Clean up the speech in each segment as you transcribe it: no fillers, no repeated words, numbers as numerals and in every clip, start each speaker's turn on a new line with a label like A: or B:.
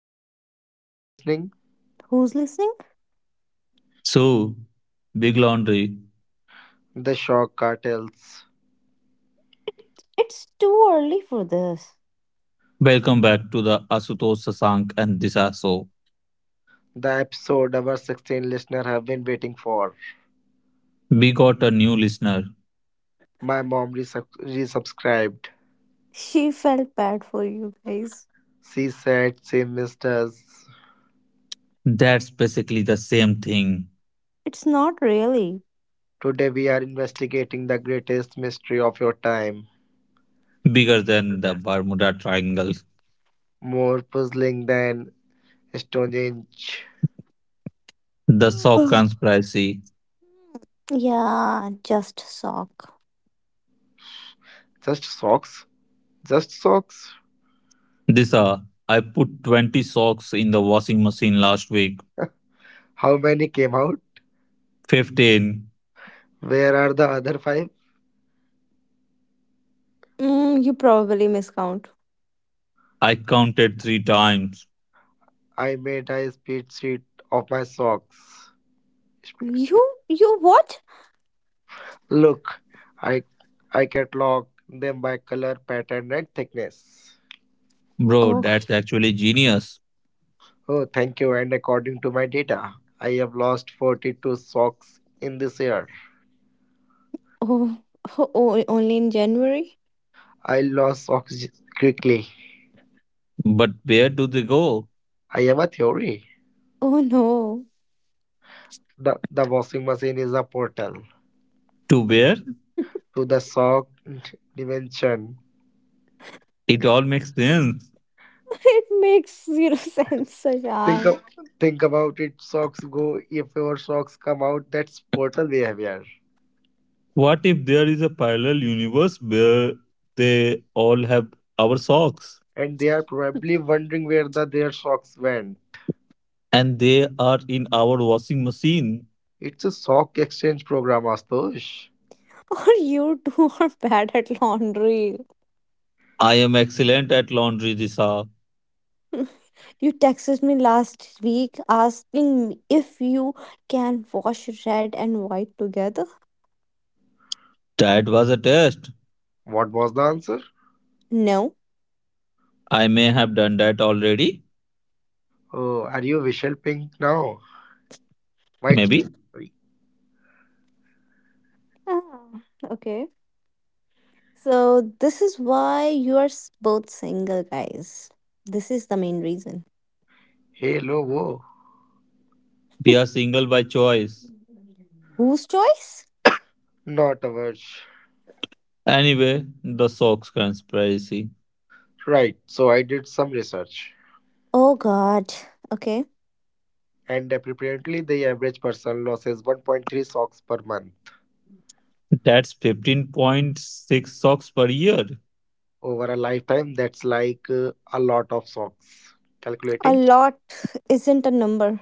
A: They are always listening.
B: Who's listening?
C: So, Big Laundry,
A: The Shock Cartels.
B: It's too early for this.
C: welcome back to the Asutosh Sasank and Disha show.
A: The episode our 16 listener have been waiting for.
C: We got a new listener.
A: My mom resubscribed.
B: She felt bad for you guys.
A: She said she missed us.
C: That's basically the same thing,
B: It's not really.
A: Today we are investigating the greatest mystery of your time.
C: bigger than the Bermuda Triangle.
A: More puzzling than Stonehenge.
C: The sock conspiracy.
B: Yeah, just sock.
A: Just socks? Just socks?
C: Disha, I put 20 socks in the washing machine last week.
A: How many came out?
C: 15.
A: Where are the other five?
B: You probably miscount.
C: I counted three times.
A: I made a spreadsheet of my socks.
B: You, you what?
A: Look, I I catalog them by color, pattern, and thickness.
C: Bro,
B: Oh,
C: that's actually genius.
A: Oh, thank you. And according to my data, I have lost 42 socks in this year.
B: oh, oh, only in January?
A: I lost quickly.
C: But where do they go?
A: I have a theory.
B: Oh no.
A: The washing machine is a portal
C: To where?
A: to the sock dimension.
C: It all makes sense.
B: It makes zero sense,
A: Think,
B: Shashank.
A: of, think about it. Socks go. If your socks come out, that's portal behavior.
C: What if there is a parallel universe where they all have our socks
A: And they are probably wondering where their socks went.
C: and they are in our washing machine?
A: It's a sock exchange program, Astosh.
B: Or you two are bad at laundry.
C: I am excellent at laundry, Disha.
B: You texted me last week asking me if you can wash red and white together.
C: That was a test.
A: What was the answer?
B: No.
C: I may have done that already.
A: Oh, are you Vishal Pink now? White Pink,
C: Maybe.
A: sorry.
B: Ah, okay. So, this is why you are both single, guys. This is the main reason.
A: Hello, whoa.
C: We are single by choice.
B: Whose choice?
A: Not average.
C: Anyway, the socks conspiracy.
A: Right, so I did some research.
B: Oh, God. Okay.
A: And apparently, the average person loses 1.3 socks per month.
C: That's 15.6 socks per year.
A: Over a lifetime, that's like a lot of socks.
B: A
A: Calculating.
B: lot isn't a number.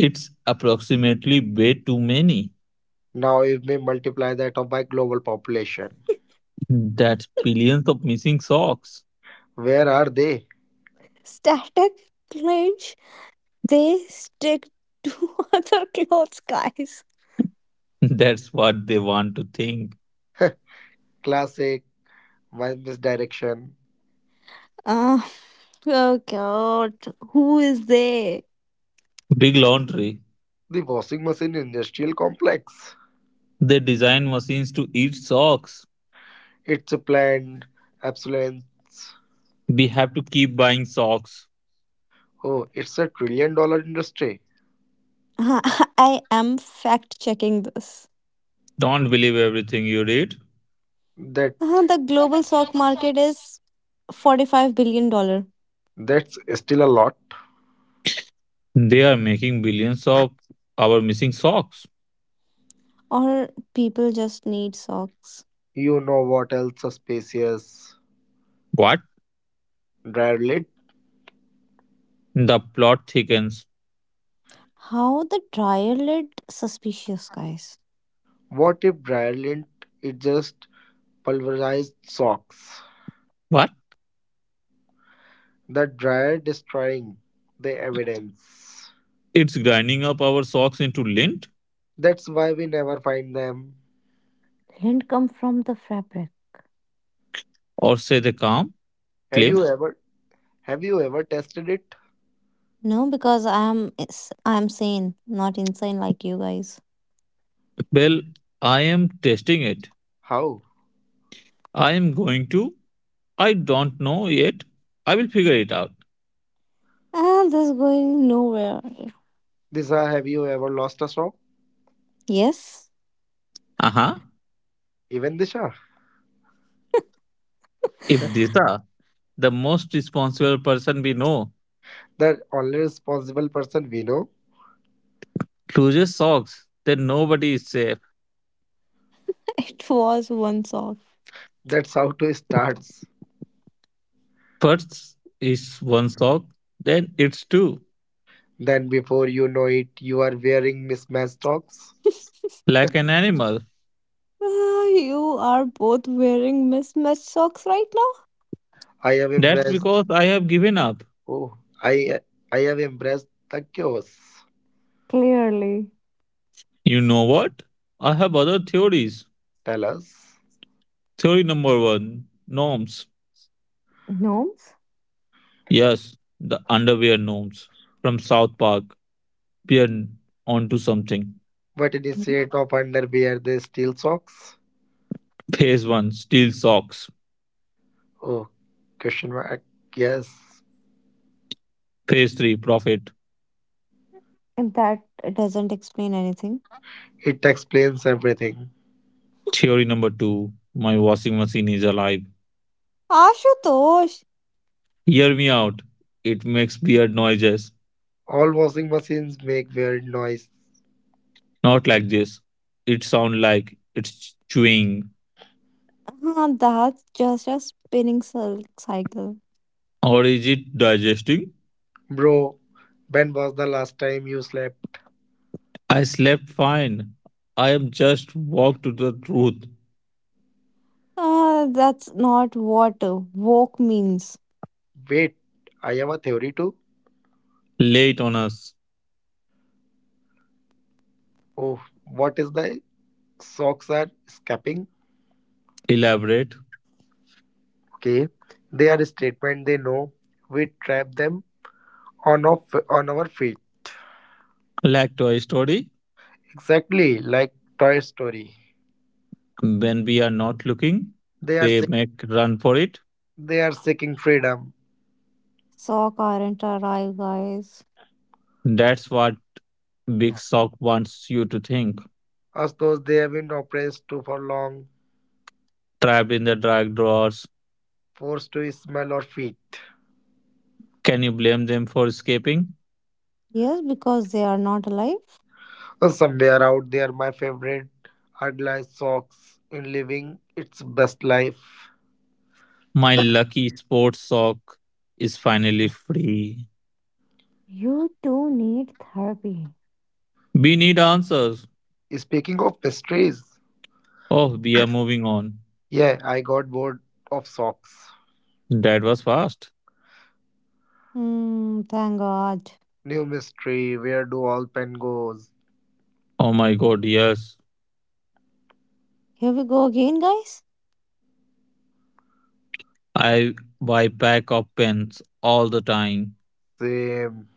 C: It's approximately way too many.
A: Now, if we multiply that off by global population,
C: That's billions of missing socks.
A: where are they?
B: Static clinch, they stick to other clothes, guys.
C: That's what they want to think.
A: Classic, my misdirection.
B: Ah, oh, God. Who is they?
C: Big laundry.
A: The washing machine industrial complex.
C: They design machines to eat socks.
A: It's a planned obsolescence.
C: We have to keep buying socks.
A: Oh, it's a trillion-dollar industry.
B: Uh, I am fact checking this.
C: Don't believe everything you read.
A: That
B: The global sock market is $45 billion dollar,
A: that's still a lot.
C: They are making billions of our missing socks.
B: or people just need socks.
A: You know what else a spacious
C: What?
A: dryer lint?
C: The plot thickens.
B: How the dryer lid suspicious guys.
A: What if dryer lint is just pulverized socks?
C: What?
A: The dryer destroying the evidence.
C: It's grinding up our socks into lint?
A: That's why we never find them.
B: Lint come from the fabric.
C: Or say they calm?
A: Have you
C: Claim?
A: ever have you ever tested it?
B: No, because I am sane, not insane like you guys.
C: Well, I am testing it.
A: How?
C: I am going to. I don't know yet. I will figure it out.
B: This is going nowhere.
A: Disha, have you ever lost a sock?
B: Yes,
C: Uh huh.
A: Even Disha,
C: If this the most responsible person we know
A: the only responsible person we know.
C: loses socks, then nobody is safe.
B: it was one sock.
A: That's how to starts.
C: First is one sock, then it's two,
A: Then before you know it, you are wearing mismatched socks.
C: like an animal.
B: Ah, you are both wearing mismatched socks right now.
A: I have
C: That's
A: embraced.
C: because I have given up.
A: Oh, I I have embraced the chaos.
B: Clearly.
C: You know what? I have other theories.
A: Tell us,
C: Theory number one norms.
B: Gnomes?
C: Yes, the underwear norms from South Park. Peer onto something.
A: but
B: Mhm.
A: instead of underwear they steal socks?
C: Phase one steal socks.
A: Oh, question mark. Yes,
C: Phase three profit.
B: And that doesn't explain anything.
A: it explains everything.
C: Theory number two my washing machine is alive.
B: Ashutosh!
C: Hear me out. It makes weird noises.
A: All washing machines make weird noise.
C: Not like this. It sounds like it's chewing.
B: That's just a spinning cycle.
C: Or is it digesting?
A: Bro, when was the last time you slept?
C: I slept fine. I am just walked to the truth.
B: That's not what woke means.
A: Wait, I have a theory too.
C: Late on us.
A: Oh, what is the socks are escaping?
C: Elaborate.
A: Okay, their statement they know we trap them on off on our feet.
C: Like Toy Story.
A: Exactly like Toy Story.
C: When we are not looking,
A: They are
C: they
A: seek-
C: make run for it.
A: they are seeking freedom,
B: Sock aren't alive, guys.
C: That's what Big Sock wants you to think.
A: as though they have been oppressed too for long,
C: Trapped in the dark drawers.
A: forced to smell or feet.
C: Can you blame them for escaping?
B: Yes, because they are not alive.
A: Somewhere out there, my favorite are glass socks in living its best life.
C: My lucky sports sock is finally free.
B: You two need therapy.
C: We need answers.
A: Speaking of mysteries,
C: Oh, we are moving on.
A: yeah, I got bored of socks.
C: That was fast.
B: Hmm, thank God.
A: New mystery, where do all pen goes?
C: Oh my god, yes.
B: Here we go again, guys.
C: I buy pack of pens all the time,
A: Same.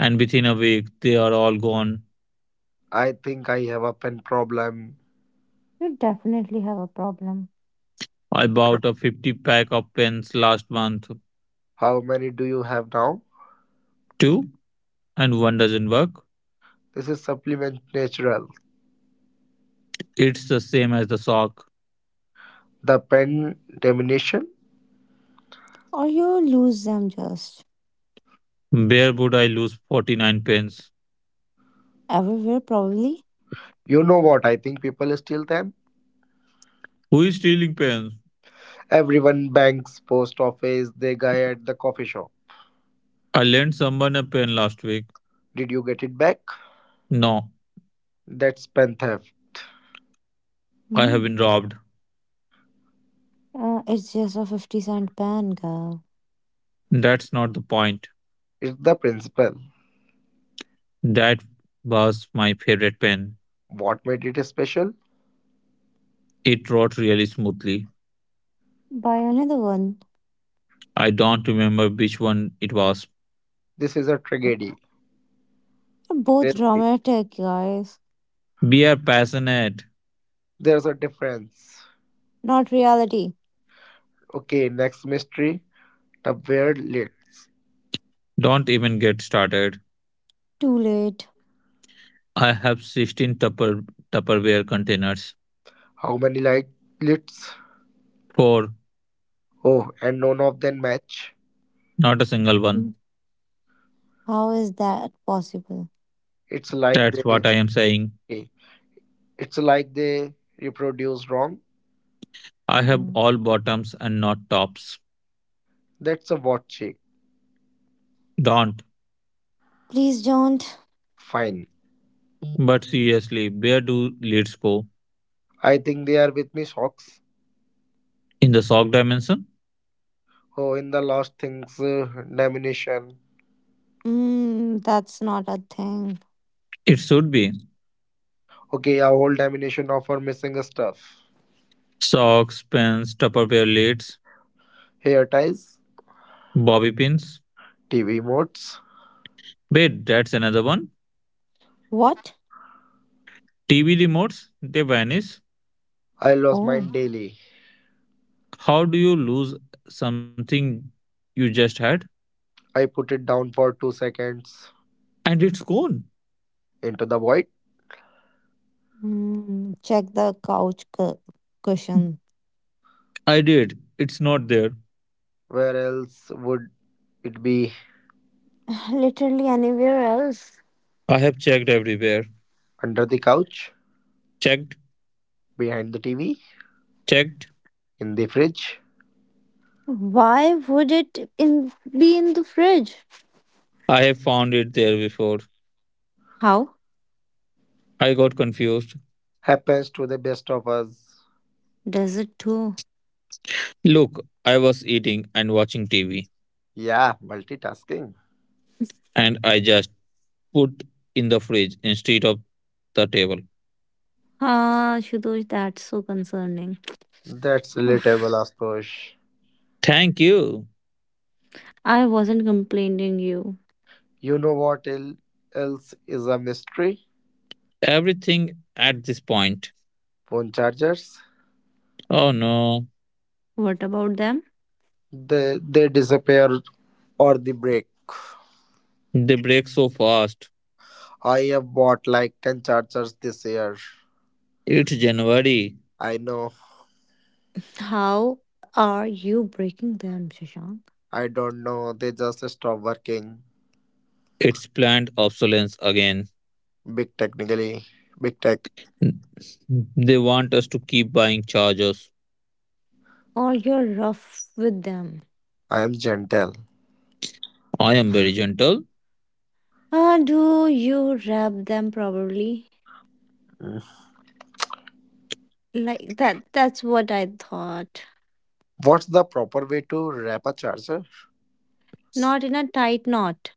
C: and within a week they are all gone.
A: I think I have a pen problem.
B: You definitely have a problem.
C: I bought a 50 pack of pens last month.
A: How many do you have now?
C: Two, and one doesn't work.
A: This is supplement natural.
C: It's the same as the sock.
A: The pen diminution?
B: Or you lose them just
C: Where would I lose 49 pens?
B: everywhere, probably.
A: You know what? I think people steal them.
C: Who is stealing pens?
A: Everyone banks, post office, the guy at the coffee shop.
C: I lent someone a pen last week.
A: Did you get it back?
C: No,
A: That's pen theft.
C: I have
B: Hmm.
C: been robbed.
B: It's just a 50 cent pen, girl.
C: That's not the point.
A: It's the principle.
C: That was my favorite pen.
A: What made it special?
C: It wrote really smoothly.
B: Buy another one.
C: I don't remember which one it was.
A: This is a tragedy.
B: They're both
A: There's
B: dramatic, guys.
C: Be a passionate.
A: there's a difference.
B: Not reality.
A: Okay, next mystery. The weird lids.
C: Don't even get started.
B: Too late.
C: I have 16 Tupperware containers.
A: How many light lids?
C: Four,
A: Oh, and none of them match.
C: not a single one.
B: Mm. How is that possible?
A: It's like
C: That's
A: they
C: what I am saying.
A: okay, it's like they reproduce wrong.
C: I have
B: Mm.
C: all bottoms and not tops.
A: That's a what check.
C: Don't.
B: Please don't.
A: Fine.
C: But seriously, where do lids go?
A: I think they are with me socks.
C: In the sock dimension?
A: Oh, in the last things diminution.
B: That's not a thing.
C: It should be.
A: Okay, our whole diminution of our missing stuff.
C: Socks, pens, Tupperware lids,
A: Hair ties,
C: bobby pins.
A: TV modes.
C: Wait, that's another one.
B: What?
C: TV remotes, they vanish.
A: I lost mine
B: Oh,
A: daily.
C: How do you lose something you just had?
A: I put it down for 2 seconds
C: And it's gone.
A: into the void.
B: check the couch cushion.
C: I did. It's not there.
A: Where else would it be?
B: Literally anywhere else.
C: I have checked everywhere.
A: Under the couch,
C: Checked,
A: behind the TV,
C: checked.
A: in the fridge.
B: Why would it in be in the fridge?
C: I have found it there before.
B: How
C: I got confused.
A: Happens to the best of us.
B: does it too?
C: Look, I was eating and watching TV,
A: Yeah, multitasking.
C: and I just put in the fridge instead of the table.
B: Shidosh, that's so concerning.
A: That's
B: Oof,
A: relatable, of course.
C: Thank you.
B: I wasn't complaining you.
A: You know what el- else is a mystery?
C: Everything at this point.
A: Phone chargers.
C: Oh no,
B: What about them?
A: They disappear or they break.
C: they break so fast.
A: I have bought like 10 chargers this year.
C: It's January.
A: I know.
B: How are you breaking them, Shashank?
A: I don't know. They just stop working.
C: It's planned obsolescence again.
A: Big technically. Big tech.
C: They want us to keep buying chargers.
B: Or you're rough with them?
A: I am gentle.
C: I am very gentle.
B: Do you wrap them properly?
A: Mm.
B: Like that that's what I thought.
A: What's the proper way to wrap a charger?
B: Not in a tight knot.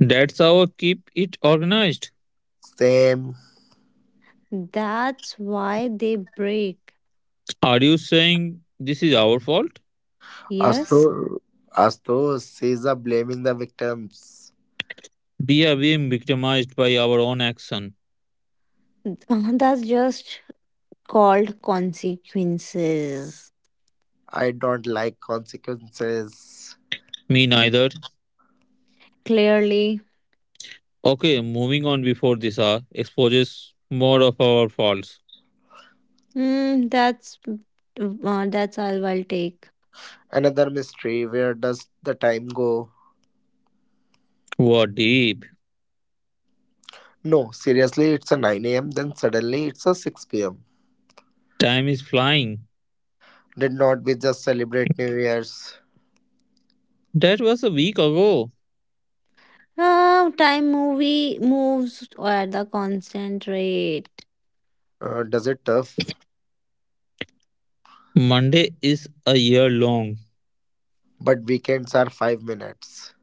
C: That's how I keep it organized.
A: Same.
B: That's why they break.
C: Are you saying this is our fault?
B: Yes.
A: Astur Astur is blaming the victims.
C: We are being victimized by our own action.
B: That's just called consequences.
A: I don't like consequences.
C: Me neither.
B: Clearly.
C: Okay, moving on before this hour exposes more of our faults.
B: That's all I'll take.
A: Another mystery where does the time go?
C: What deep.
A: No, seriously, it's a 9 a.m., then suddenly it's a 6 pm.
C: Time is flying.
A: Did not we just celebrate New Year's?
C: That was a week ago.
B: Oh, time movie moves at the constant rate.
A: Does it tough?
C: Monday is a year long.
A: But weekends are 5 minutes.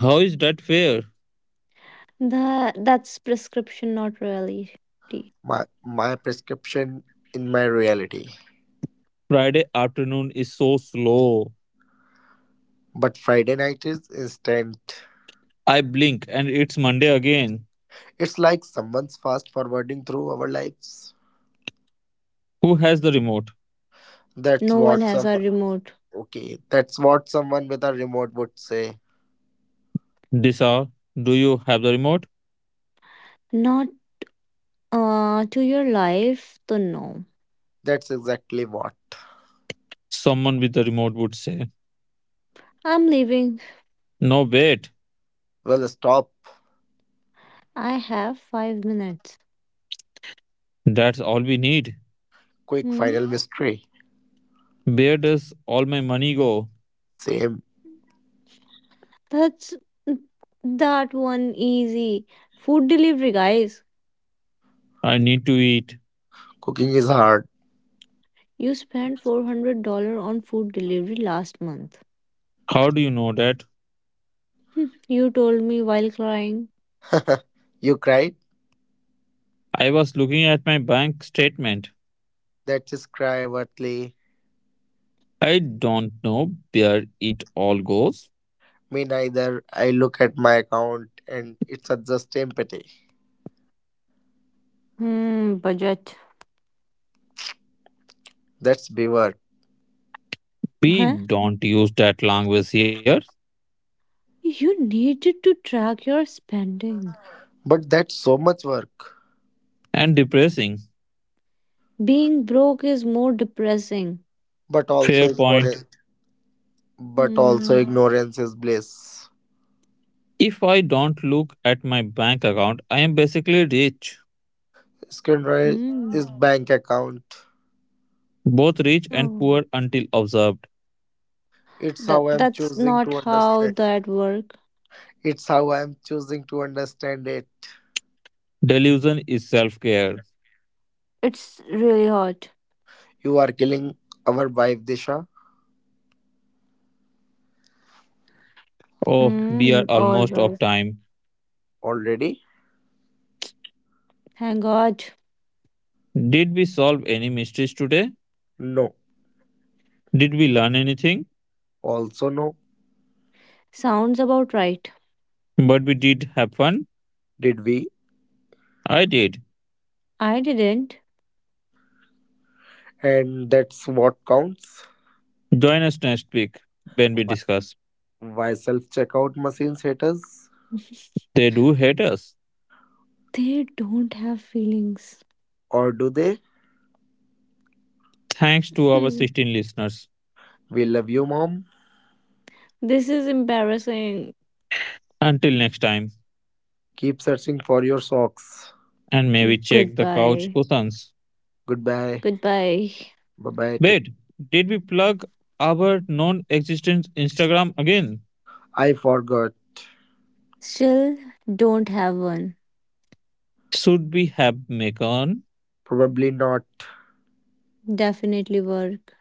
C: How is that fair?
B: That's prescription, not reality.
A: My prescription in my reality.
C: Friday afternoon is so slow.
A: But Friday night is instant.
C: I blink and it's Monday again.
A: It's like someone's fast forwarding through our lives.
C: Who has the remote?
A: That's
B: No
A: what
B: one has
A: some
B: a remote.
A: okay. That's what someone with a remote would say.
C: Disha, do you have the remote?
B: Not to your life, to know.
A: That's exactly what.
C: Someone with the remote would say.
B: I'm leaving.
C: No, wait,
A: Well, stop.
B: I have 5 minutes.
C: that's all we need.
A: Quick
B: Hmm?
A: final mystery.
C: Where does all my money go?
A: Same.
B: That's mm, that one easy. Food delivery, guys.
C: I need to eat.
A: Cooking is hard.
B: You spent $400 on food delivery last month.
C: How do you know that?
B: Hmm, you told me while crying.
A: you cried?
C: I was looking at my bank statement.
A: That is cry, Watley.
C: I don't know where it all goes.
A: Me neither. I look at my account and it's a just empathy.
B: Hmm, budget.
A: That's beware.
C: We
B: Huh?
C: don't use that language here.
B: You needed to track your spending.
A: But that's so much work.
C: And depressing.
B: Being broke is more depressing.
A: But also
C: Fair point.
A: ignorance. But also
B: Hmm.
A: ignorance is bliss.
C: If I don't look at my bank account, I am basically rich.
A: Screenwriter
B: Hmm.
A: is bank account.
C: Both rich and
B: Oh.
C: poor until observed.
A: It's
B: That
A: how I'm
B: that's
A: choosing
B: not
A: to
B: how
A: understand.
B: that work.
A: It's how I'm choosing to understand it.
C: Delusion is self care.
B: It's really hot.
A: You are killing our wife, Disha,
C: Oh, we are
B: Mm, all
C: almost off
B: right.
C: time.
A: already?
B: Thank God.
C: Did we solve any mysteries today?
A: No.
C: Did we learn anything?
A: Also no.
B: Sounds about right.
C: But we did have fun.
A: Did we?
C: I did.
B: I didn't.
A: And that's what counts.
C: Join us next week when we
A: why,
C: discuss.
A: why self-checkout machines hate us?
C: They do hate us.
B: They don't have feelings.
A: Or do they?
C: Thanks to our
B: Hmm.
C: 16 listeners.
A: We love you, mom.
B: This is embarrassing.
C: Until next time,
A: Keep searching for your socks.
C: and may we check the couch
B: Goodbye.
C: cushions.
A: Goodbye.
B: Goodbye.
A: Bye bye take.
C: Wait, did we plug our non existent Instagram again?
A: I forgot.
B: Still don't have one.
C: Should we have Macon?
A: Probably not.
B: Definitely work.